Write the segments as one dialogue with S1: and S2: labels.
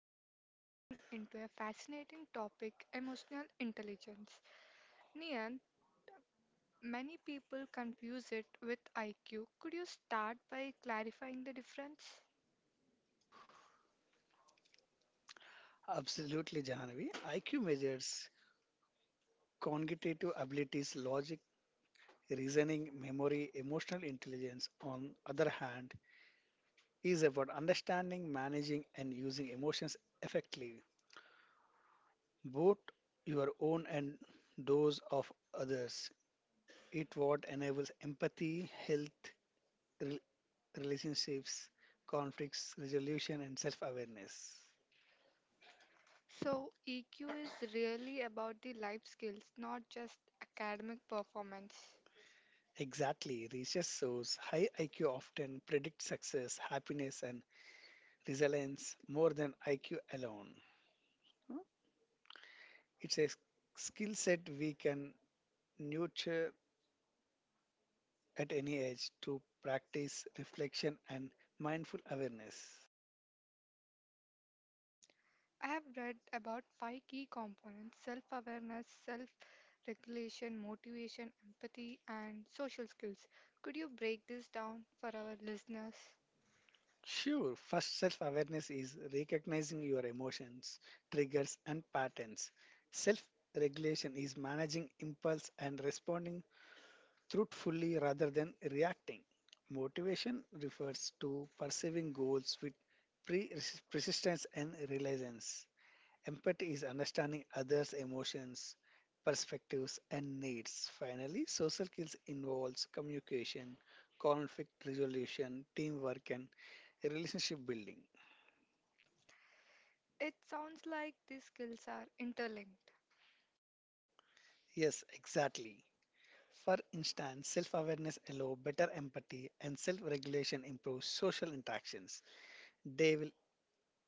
S1: Today we are diving into a fascinating topic emotional intelligence. Nian, many people confuse it with IQ. Could you start by clarifying the difference?
S2: Absolutely, Jahanvi. IQ measures cognitive abilities, logic, reasoning, memory, emotional intelligence. On other hand, is about understanding, managing, and using emotions effectively, both your own and those of others. It what enables empathy, health, rel- relationships, conflicts resolution, and self-awareness.
S1: So, EQ is really about the life skills, not just academic performance.
S2: Exactly. Research shows high IQ often predicts success, happiness, and resilience more than IQ alone. Huh? It's a skill set we can nurture at any age to practice reflection and mindful awareness.
S1: I have read about five key components self awareness, self regulation, motivation, empathy, and social skills. Could you break this down for our listeners?
S2: Sure, first self awareness is recognizing your emotions, triggers, and patterns. Self regulation is managing impulse and responding truthfully rather than reacting. Motivation refers to pursuing goals with pre- resistance and resilience. Empathy is understanding others' emotions, perspectives, and needs. Finally, social skills involves communication, conflict resolution, teamwork, and relationship building.
S1: It sounds like these skills are interlinked.
S2: Yes, exactly. For instance, self awareness allows better empathy, and self regulation improves social interactions. They will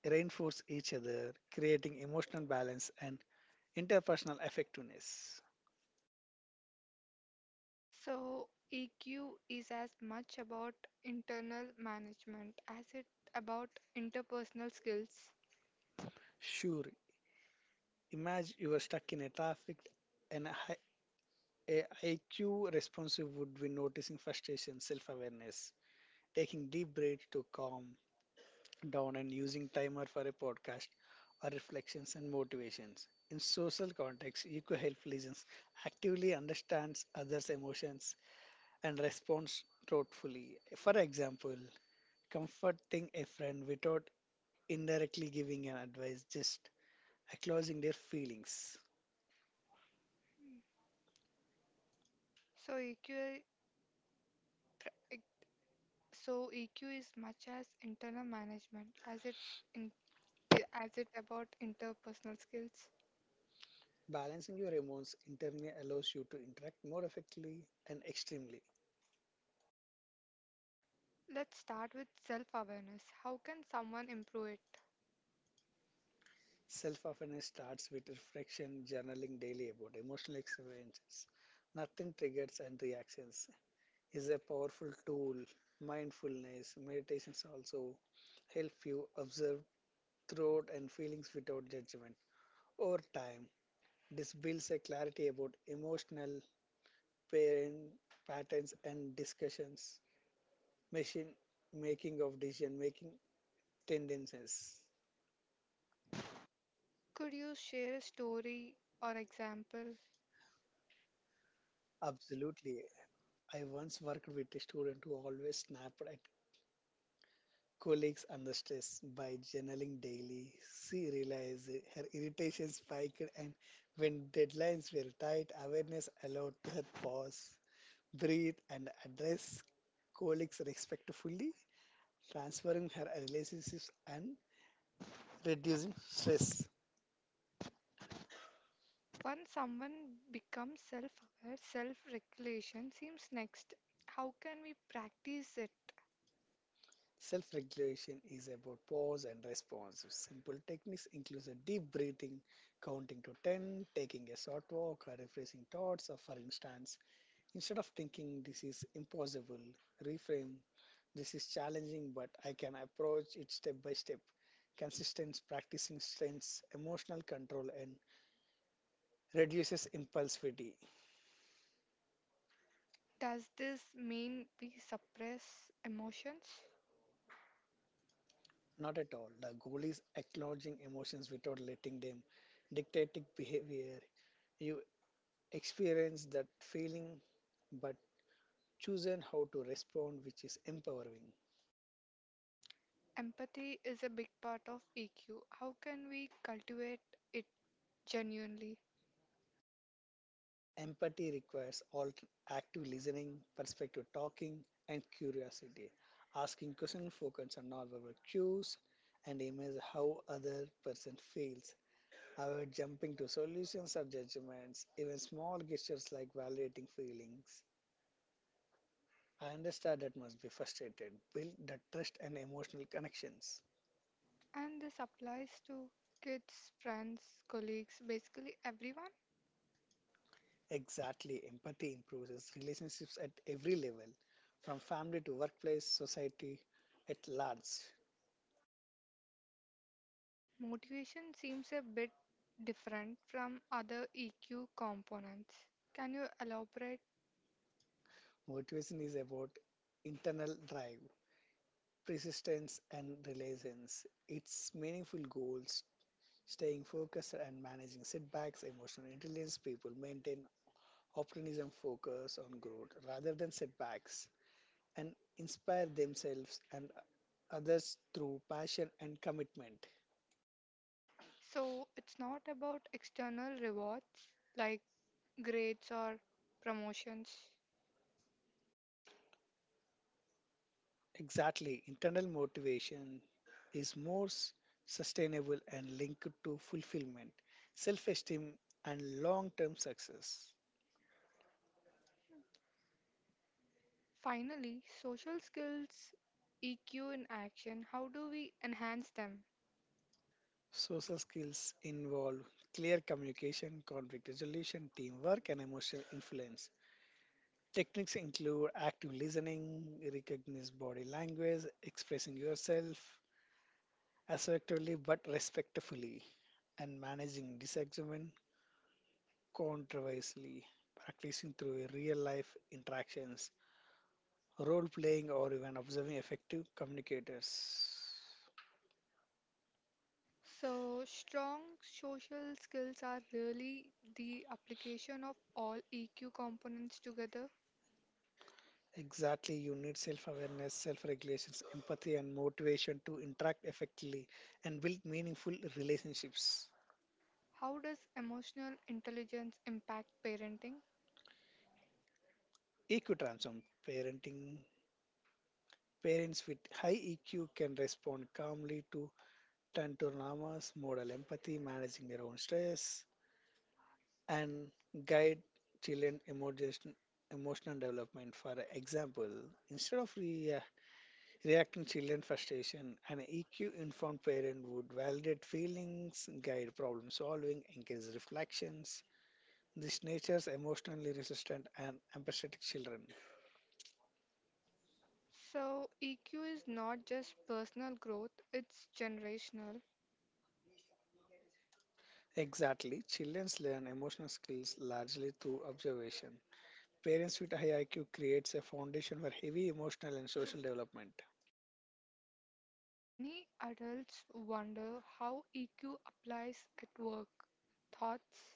S2: reinforce each other, creating emotional balance and interpersonal effectiveness.
S1: So, EQ is as much about internal management as it about interpersonal skills.
S2: Sure, imagine you are stuck in a traffic and AIQ responsive would be noticing frustration, self awareness, taking deep breaths to calm down, and using timer for a podcast or reflections and motivations. In social context, EQ help listens actively understands others' emotions and responds thoughtfully. For example, comforting a friend without indirectly giving an advice, just acknowledging their feelings.
S1: Hmm. So EQ, pr- e- so EQ is much as internal management as it in, as it about interpersonal skills.
S2: Balancing your emotions internally allows you to interact more effectively and extremely.
S1: Let's start with self-awareness. How can someone improve it?
S2: Self awareness starts with reflection, journaling daily about emotional experiences. Nothing triggers and reactions is a powerful tool. Mindfulness, meditations also help you observe thought and feelings without judgment. Over time, this builds a clarity about emotional parent patterns and discussions, machine making of decision making tendencies.
S1: Could you share a story or example?
S2: Absolutely. I once worked with a student who always snapped at colleagues under stress by journaling daily. She realized her irritation spiked, and when deadlines were tight, awareness allowed her pause, breathe, and address colleagues respectfully, transferring her relationships and reducing stress.
S1: When someone becomes self aware, self regulation seems next. How can we practice it?
S2: Self regulation is about pause and response. Simple techniques include a deep breathing, counting to 10, taking a short walk, or refreshing thoughts, or for instance, instead of thinking this is impossible, reframe this is challenging, but I can approach it step by step. Consistent practicing strengths, emotional control, and reduces impulsivity.
S1: Does this mean we suppress emotions?
S2: Not at all. The goal is acknowledging emotions without letting them dictate behavior. You experience that feeling, but choosing how to respond, which is empowering.
S1: Empathy is a big part of EQ. How can we cultivate it genuinely?
S2: Empathy requires active listening, perspective talking, and curiosity. Asking questions focus on nonverbal cues and image how other person feels. Avoid jumping to solutions or judgments, even small gestures like validating feelings. I understand that must be frustrated. Build the trust and emotional connections.
S1: And this applies to kids, friends, colleagues, basically everyone.
S2: Exactly, empathy improves relationships at every level, from family to workplace, society at large.
S1: Motivation seems a bit different from other EQ components. Can you elaborate?
S2: Motivation is about internal drive, persistence, and resilience. It's meaningful goals, staying focused, and managing setbacks. Emotional intelligence people maintain optimism, focus on growth rather than setbacks, and inspire themselves and others through passion and commitment.
S1: So, it's not about external rewards like grades or promotions.
S2: Exactly, internal motivation is more sustainable and linked to fulfillment, self esteem, and long term success.
S1: Finally, social skills, EQ in action, how do we enhance them?
S2: Social skills involve clear communication, conflict resolution, teamwork, and emotional influence. Techniques include active listening, recognize body language, expressing yourself assertively but respectfully, and managing disagreement controversially, practicing through real life interactions, role playing, or even observing effective communicators.
S1: So, strong social skills are really the application of all EQ components together.
S2: Exactly, you need self awareness, self regulations, empathy, and motivation to interact effectively and build meaningful relationships.
S1: How does emotional intelligence impact parenting?
S2: EQ transform parenting. Parents with high EQ can respond calmly to tantrums, model empathy, managing their own stress, and guide children emotional development. For example, instead Reacting children frustration, an EQ-informed parent would validate feelings, guide problem solving, encourage reflections. This natures emotionally resistant and empathetic children.
S1: So, EQ is not just personal growth, it's generational.
S2: Exactly, children learn emotional skills largely through observation. Parents with high IQ creates a foundation for heavy emotional and social development.
S1: Many adults wonder how EQ applies at work. Thoughts?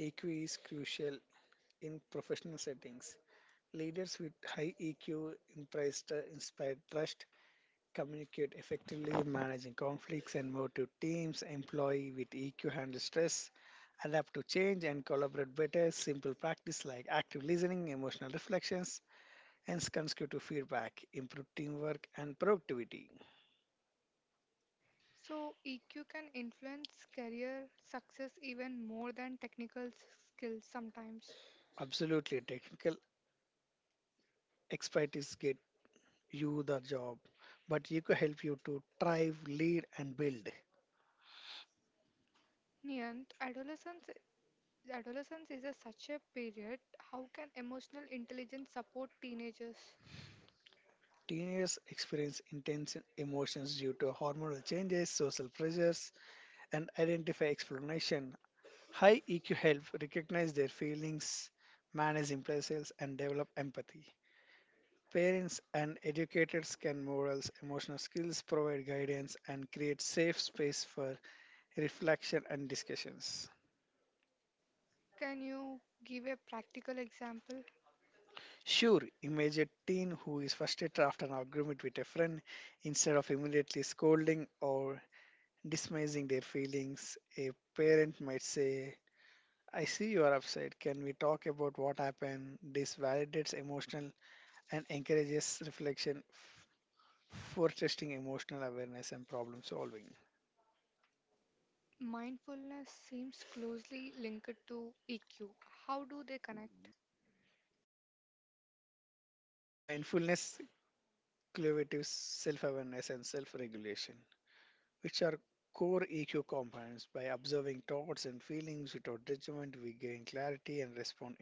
S2: EQ is crucial in professional settings. Leaders with high EQ impressed, inspire trust communicate effectively, managing conflicts, and motive teams, employee with EQ handle stress, adapt to change, and collaborate better. Simple practice like active listening, emotional reflections, and constructive feedback improve teamwork and productivity.
S1: So, EQ can influence career success even more than technical skills sometimes.
S2: Absolutely, technical expertise get you the job, but EQ help you to thrive, lead, and build.
S1: Niyant, adolescence is a such a period. How can emotional intelligence support teenagers?
S2: Teenagers experience intense emotions due to hormonal changes, social pressures, and identify explanation. High EQ help recognize their feelings, manage impulses, and develop empathy. Parents and educators can models emotional skills, provide guidance, and create safe space for reflection and discussions.
S1: Can you give a practical example?
S2: Sure, image a teen who is frustrated after an argument with a friend instead of immediately scolding or dismissing their feelings. A parent might say, I see you are upset. Can we talk about what happened? This validates emotional and encourages reflection for testing emotional awareness and problem solving.
S1: Mindfulness seems closely linked to EQ. How do they connect?
S2: Mindfulness, cultivates self awareness, and self regulation, which are core EQ components. By observing thoughts and feelings without judgment, we gain clarity and respond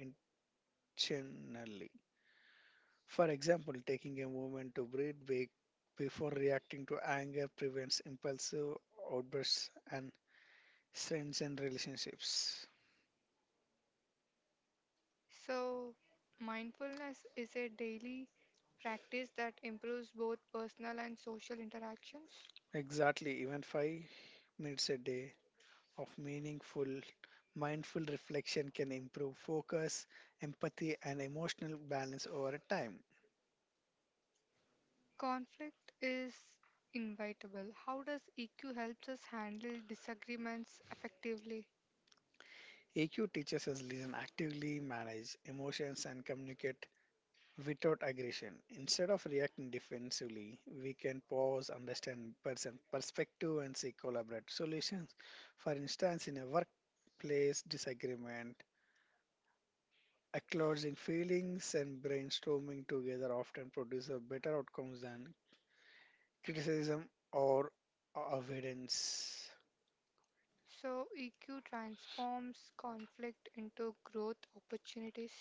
S2: intentionally. For example, taking a moment to breathe before reacting to anger prevents impulsive outbursts and strengthens relationships.
S1: So, mindfulness is a daily practice that improves both personal and social interactions.
S2: Exactly, even 5 minutes a day of meaningful, mindful reflection can improve focus, empathy, and emotional balance over time.
S1: Conflict is inevitable. How does EQ helps us handle disagreements effectively?
S2: EQ teaches us listen actively, manage emotions, and communicate without aggression. Instead of reacting defensively, we can pause, understand person perspective, and seek collaborative solutions. For instance, in a workplace disagreement, acknowledging feelings and brainstorming together often produce a better outcomes than criticism, or avoidance.
S1: So, EQ transforms conflict into growth opportunities.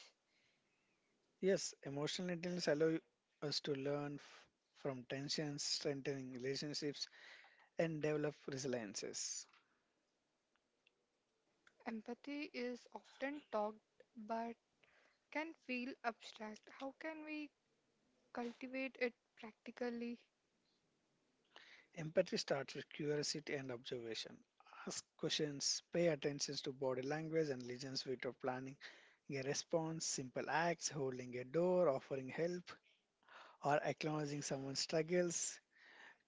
S2: Yes, emotional intelligence allows us to learn from tensions, strengthening relationships, and develop resiliences.
S1: Empathy is often talked but can feel abstract. How can we cultivate it practically.
S2: Empathy starts with curiosity and observation. Ask questions, pay attention to body language and listens without planning a response, simple acts, holding a door, offering help, or acknowledging someone's struggles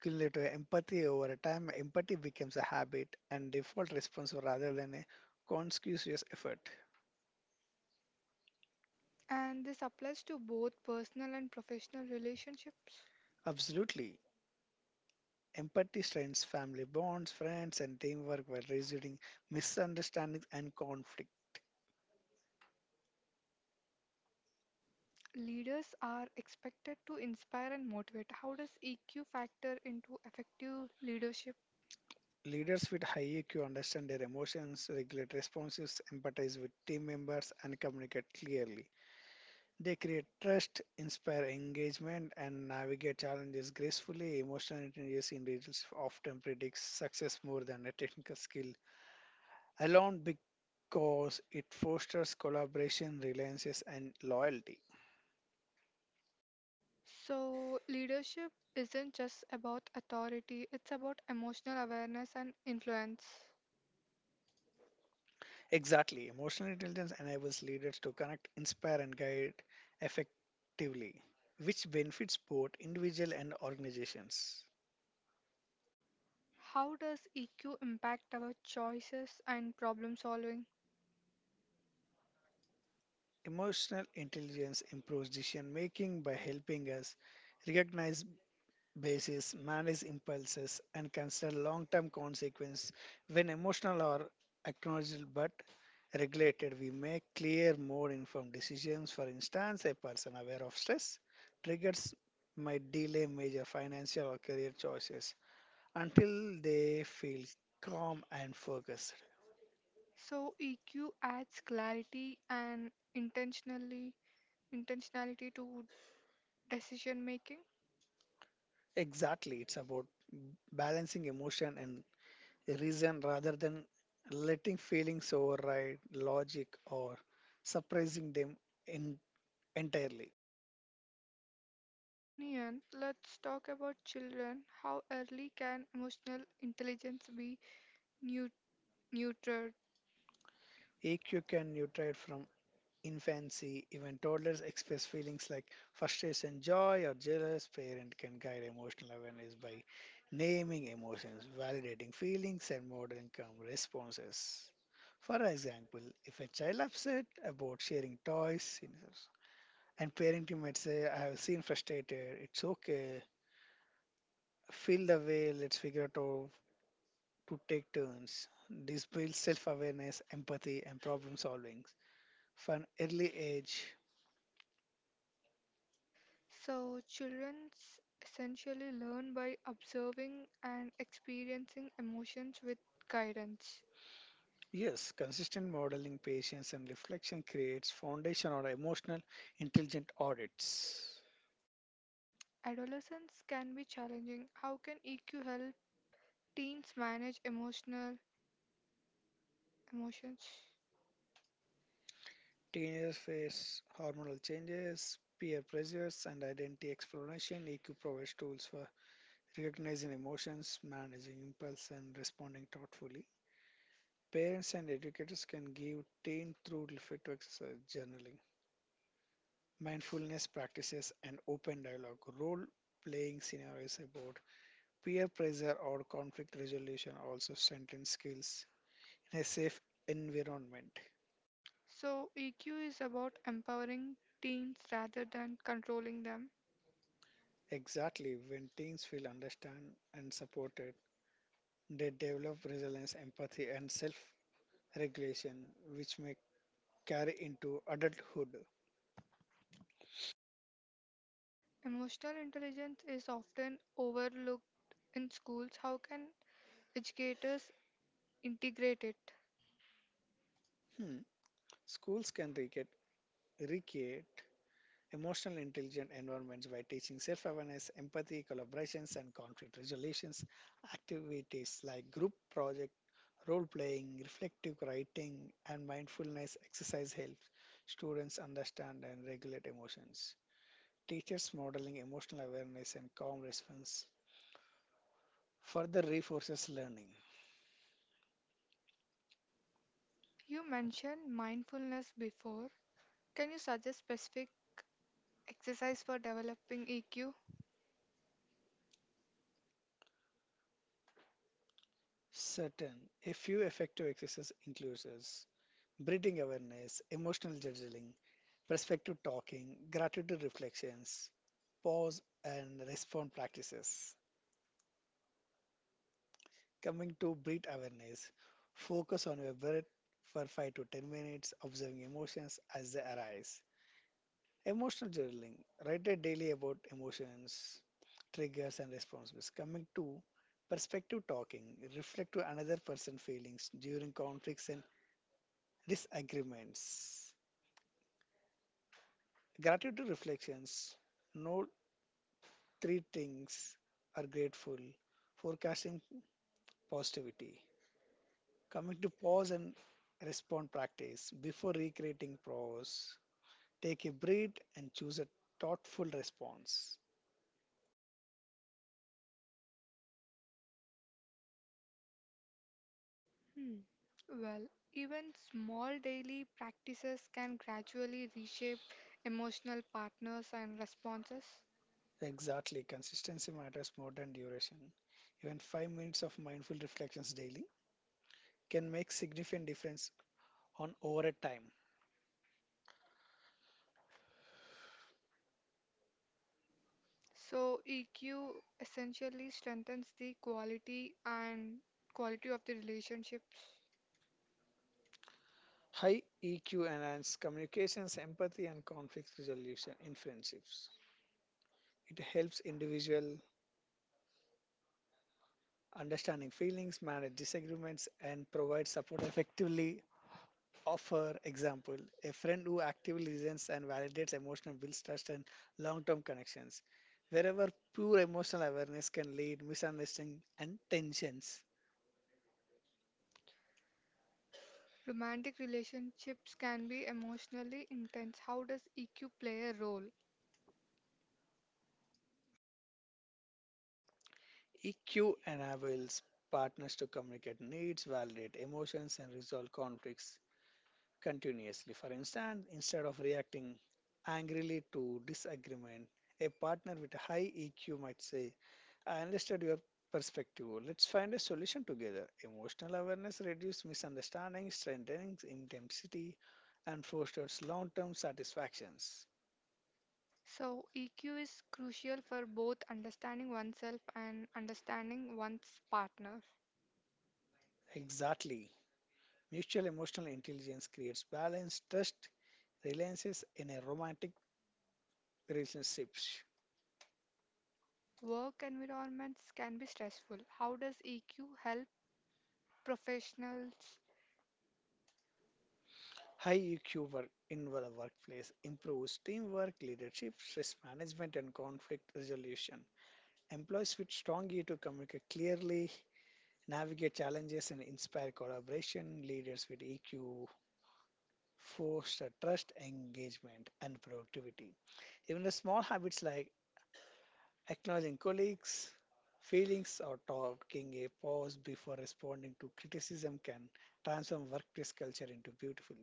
S2: skill to empathy over time, empathy becomes a habit and default response rather than a conscious effort.
S1: And this applies to both personal and professional relationships.
S2: Absolutely. Empathy strengthens family bonds, friends, and teamwork while reducing misunderstandings and conflict.
S1: Leaders are expected to inspire and motivate. How does EQ factor into effective leadership?
S2: Leaders with high EQ understand their emotions, regulate responses, empathize with team members, and communicate clearly. They create trust, inspire engagement, and navigate challenges gracefully. Emotional intelligence individuals often predicts success more than a technical skill alone because it fosters collaboration, reliance, and loyalty.
S1: So, leadership isn't just about authority, it's about emotional awareness and influence.
S2: Exactly. Emotional intelligence enables leaders to connect, inspire, and guide effectively, which benefits both individual and organizations.
S1: How does EQ impact our choices and problem solving?
S2: Emotional intelligence improves decision making by helping us recognize basis, manage impulses, and consider long term consequences. When emotional are acknowledged but regulated, we make clear, more informed decisions. For instance, a person aware of stress triggers might delay major financial or career choices until they feel calm and focused.
S1: So EQ adds clarity and intentionally intentionality to decision making.
S2: Exactly, it's about balancing emotion and reason rather than letting feelings override logic or suppressing them in, entirely.
S1: Nian, let's talk about children. How early can emotional intelligence be neu- neutered?
S2: EQ can nutrate from infancy. Even toddlers express feelings like frustration, joy, or jealous. Parent can guide emotional awareness by naming emotions, validating feelings, and modeling calm responses. For example, if a child upset about sharing toys, and parenting might say, I have seen frustrated, it's okay, feel the way, let's figure it out to take turns. This builds self awareness, empathy, and problem solving. From an early age,
S1: So, children essentially learn by observing and experiencing emotions with guidance.
S2: yes, consistent modeling, patience, and reflection creates foundation or emotional intelligent audits.
S1: Adolescence can be challenging. How can EQ help teens manage emotional emotions?
S2: Teenagers face hormonal changes, peer pressures, and identity exploration. EQ provides tools for recognizing emotions, managing impulse, and responding thoughtfully. Parents and educators can give teen through reflective exercise journaling, mindfulness practices, and open dialogue. Role playing scenarios about peer pressure or conflict resolution also strengthen skills in a safe environment.
S1: So, EQ is about empowering teens rather than controlling them.
S2: Exactly, when teens feel understood and supported, they develop resilience, empathy, and self regulation, which may carry into adulthood.
S1: Emotional intelligence is often overlooked in schools. How can educators integrate it?
S2: Hmm. Schools can recreate emotional intelligent environments by teaching self-awareness, empathy, collaborations, and conflict resolutions. Activities like group project, role-playing, reflective writing, and mindfulness exercise help students understand and regulate emotions. Teachers modeling emotional awareness and calm response further reinforces learning.
S1: You mentioned mindfulness before. Can you suggest specific exercise for developing EQ?
S2: Certain, a few effective exercises includes breathing awareness, emotional journaling, perspective talking, gratitude reflections, pause and respond practices. Coming to breath awareness, focus on your breath for 5 to 10 minutes, observing emotions as they arise. Emotional journaling, write a daily about emotions, triggers, and responses. Coming to perspective talking, reflect to another person's feelings during conflicts and disagreements. Gratitude reflections, note three things are grateful forecasting positivity, coming to pause and respond practice before recreating pause. Take a breath and choose a thoughtful response.
S1: Hmm. Well, even small daily practices can gradually reshape emotional partners and responses.
S2: Exactly, consistency matters more than duration. Even 5 minutes of mindful reflections daily can make significant difference on over a time.
S1: So EQ essentially strengthens the quality and quality of the relationship.
S2: High EQ enhance communications, empathy, and conflict resolution in friendships. It helps individual understanding feelings, manage disagreements, and provide support effectively. Offer example a friend who actively listens and validates emotional builds trust and long term connections. Wherever pure emotional awareness can lead misunderstanding and tensions.
S1: Romantic relationships can be emotionally intense. How does EQ play a role?
S2: EQ enables partners to communicate needs, validate emotions, and resolve conflicts continuously. For instance, instead of reacting angrily to disagreement, a partner with a high EQ might say, I understood your perspective. Let's find a solution together. Emotional awareness reduces misunderstanding, strengthens intensity, and fosters long term satisfactions.
S1: So, EQ is crucial for both understanding oneself and understanding one's partner.
S2: Exactly. Mutual emotional intelligence creates balance, trust, reliances in a romantic relationship.
S1: Work environments can be stressful. How does EQ help professionals?
S2: High EQ work in the workplace improves teamwork, leadership, stress management, and conflict resolution. Employees with strong EQ communicate clearly, navigate challenges, and inspire collaboration. Leaders with EQ foster trust, engagement, and productivity. Even the small habits like acknowledging colleagues, feelings, or talking a pause before responding to criticism can transform workplace culture into beautiful.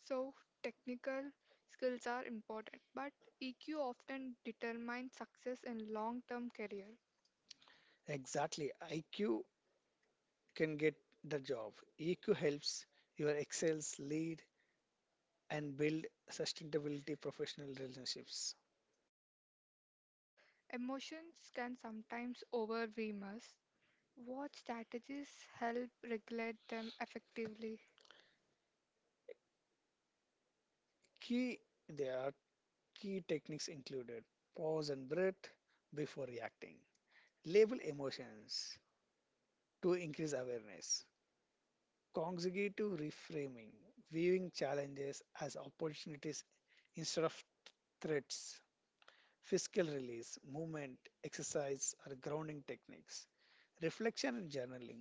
S1: So, technical skills are important, but EQ often determines success in long term career.
S2: Exactly. IQ can get the job. EQ helps your excels lead and build sustainability professional relationships.
S1: Emotions can sometimes overwhelm us. What strategies help regulate them effectively?
S2: Key there are key techniques included pause and breath before reacting. Label emotions to increase awareness. Consecutive reframing, viewing challenges as opportunities instead of threats. Fiscal release, movement, exercise, or grounding techniques. Reflection and journaling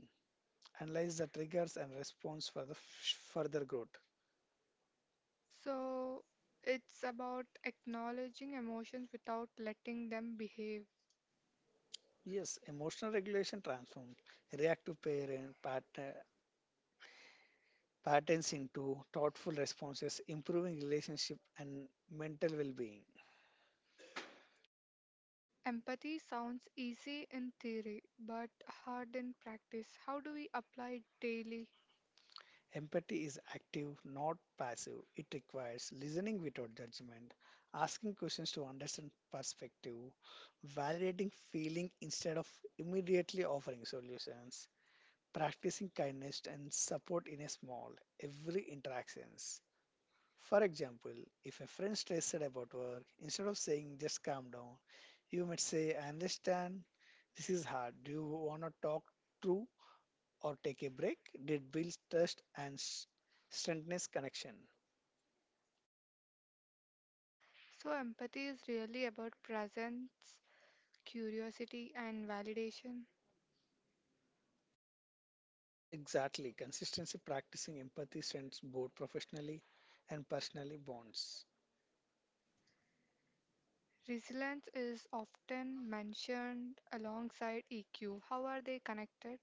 S2: analyze the triggers and response for further growth.
S1: So, it's about acknowledging emotions without letting them behave.
S2: Yes, emotional regulation transforms reactive patterns into thoughtful responses, improving relationship and mental well-being.
S1: Empathy sounds easy in theory, but hard in practice. How do we apply it daily?
S2: Empathy is active, not passive. It requires listening without judgment, asking questions to understand perspective, validating feeling instead of immediately offering solutions, practicing kindness and support in a small every interactions. For example, if a friend stressed about work, instead of saying just calm down, you might say, I understand this is hard. Do you want to talk through or take a break? Did build trust and strengthens connection.
S1: So, empathy is really about presence, curiosity, and validation.
S2: Exactly. Consistency practicing empathy strengthens both professionally and personally bonds.
S1: Resilience is often mentioned alongside EQ. How are they connected?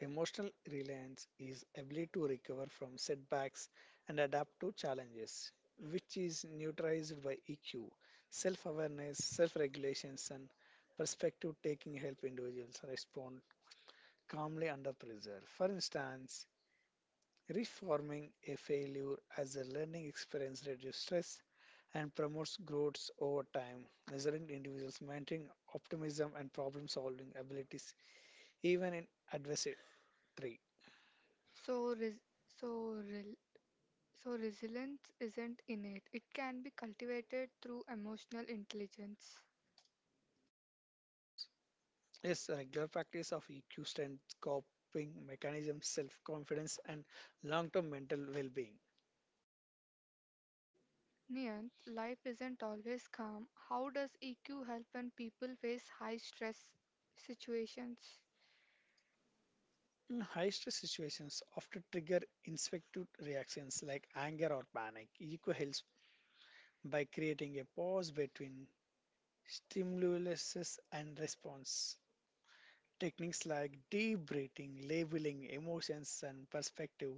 S2: Emotional reliance is ability to recover from setbacks and adapt to challenges, which is neutralized by EQ, self-awareness, self-regulations, and perspective taking help individuals respond calmly under pressure. For instance, reforming a failure as a learning experience reduces stress and promotes growth over time, resilient individuals maintain optimism and problem-solving abilities even in adversity.
S1: So, res- so rel So, resilience isn't innate, it can be cultivated through emotional intelligence.
S2: Yes, regular practice of EQ strength, coping mechanisms, self confidence, and long term mental well being.
S1: Niyant, life isn't always calm. How does EQ help when people face high stress situations?
S2: In high stress situations, often trigger instinctive reactions like anger or panic. EQ helps by creating a pause between stimulus and response. Techniques like deep breathing, labeling emotions, and perspective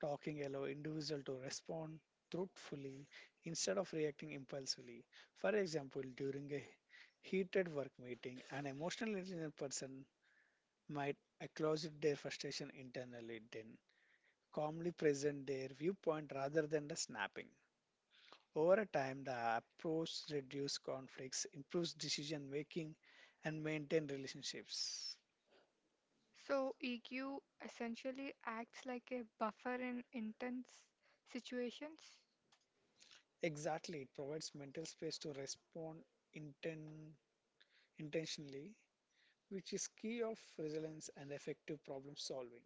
S2: talking allow individual to respond truthfully instead of reacting impulsively. For example, during a heated work meeting, an emotionally intelligent person might acknowledge their frustration internally, then calmly present their viewpoint rather than the snapping. Over a time, the approach reduces conflicts, improves decision making, and maintain relationships.
S1: So, EQ essentially acts like a buffer in intense situations.
S2: Exactly, it provides mental space to respond inten- intentionally, which is key of resilience and effective problem solving.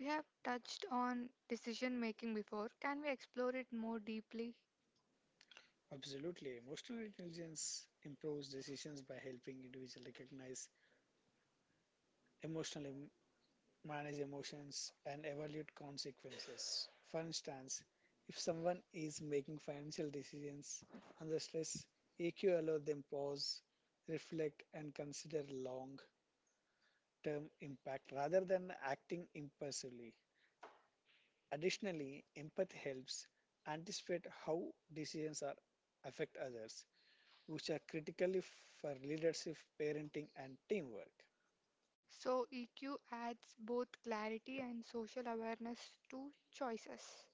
S1: We have touched on decision making before. Can we explore it more deeply?
S2: Absolutely. Emotional intelligence improves decisions by helping individuals recognize emotional em- manage emotions and evaluate consequences. For instance, if someone is making financial decisions under stress, EQ allows them pause, reflect and consider long term impact rather than acting impulsively. Additionally, empathy helps anticipate how decisions are affect others, which are critically for leadership, parenting, and teamwork.
S1: So, EQ adds both clarity and social awareness to choices.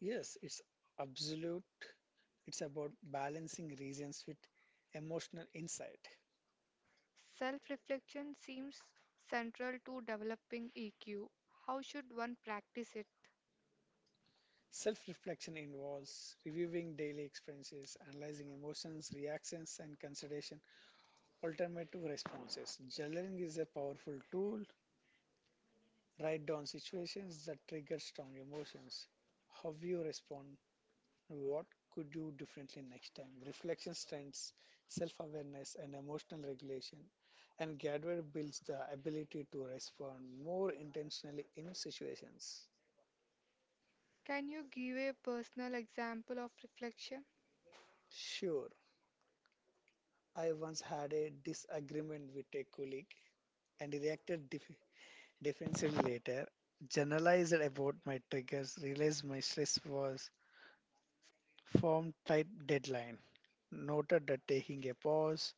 S2: Yes, it's absolute. It's about balancing reasons with emotional insight.
S1: Self reflection seems central to developing EQ. How should one practice it?
S2: Self reflection involves reviewing daily experiences, analyzing emotions, reactions, and consideration alternative responses. Journaling is a powerful tool. Write down situations that trigger strong emotions. How you respond, what could you differently next time? Reflection strengthens self awareness and emotional regulation, and Gadware builds the ability to respond more intentionally in situations.
S1: Can you give a personal example of reflection?
S2: Sure, I once had a disagreement with a colleague and defensively later. Generalized about my triggers, realized my stress was from tight deadline. Noted that taking a pause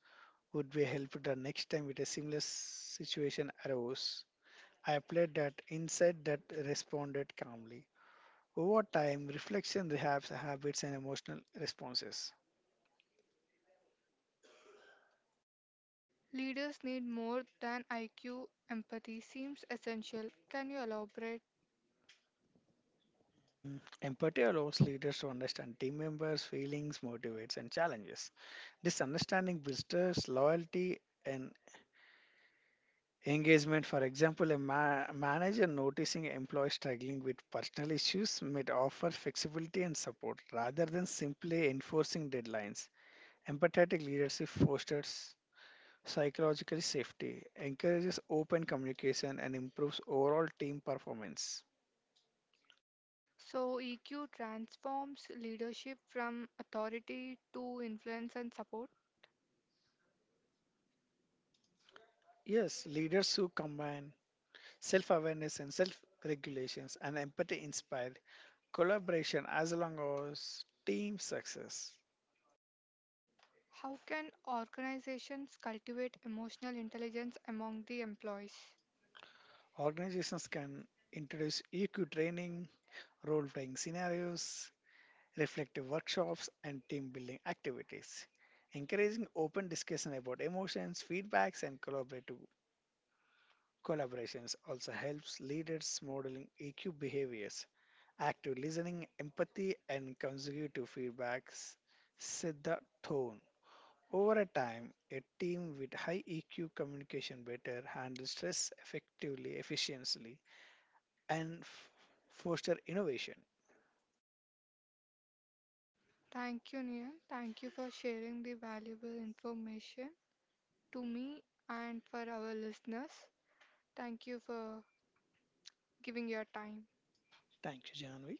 S2: would be helpful the next time with a similar situation arose. I applied that insight that responded calmly. Over time, reflection rehab habits and emotional responses.
S1: Leaders need more than IQ. Empathy seems essential. Can you elaborate?
S2: Empathy allows leaders to understand team members' feelings, motivates, and challenges. This understanding builds trust, loyalty, and engagement. For example, a manager noticing employees struggling with personal issues might offer flexibility and support rather than simply enforcing deadlines. Empathetic leadership fosters psychological safety, encourages open communication, and improves overall team performance.
S1: So, EQ transforms leadership from authority to influence and support.
S2: Yes, leaders who combine self awareness and self regulations and empathy inspire collaboration as long as team success.
S1: How can organizations cultivate emotional intelligence among the employees?
S2: Organizations can introduce EQ training, role playing scenarios, reflective workshops, and team building activities, encouraging open discussion about emotions, feedbacks, and collaborative collaborations also helps leaders modeling EQ behaviors, active listening, empathy, and consecutive feedbacks set the tone. Over a time, a team with high EQ communication better handles stress effectively, efficiently, and foster innovation.
S1: Thank you, Neil. Thank you for sharing the valuable information. To me and for our listeners. Thank you for giving your time.
S2: Thank you, Janvi.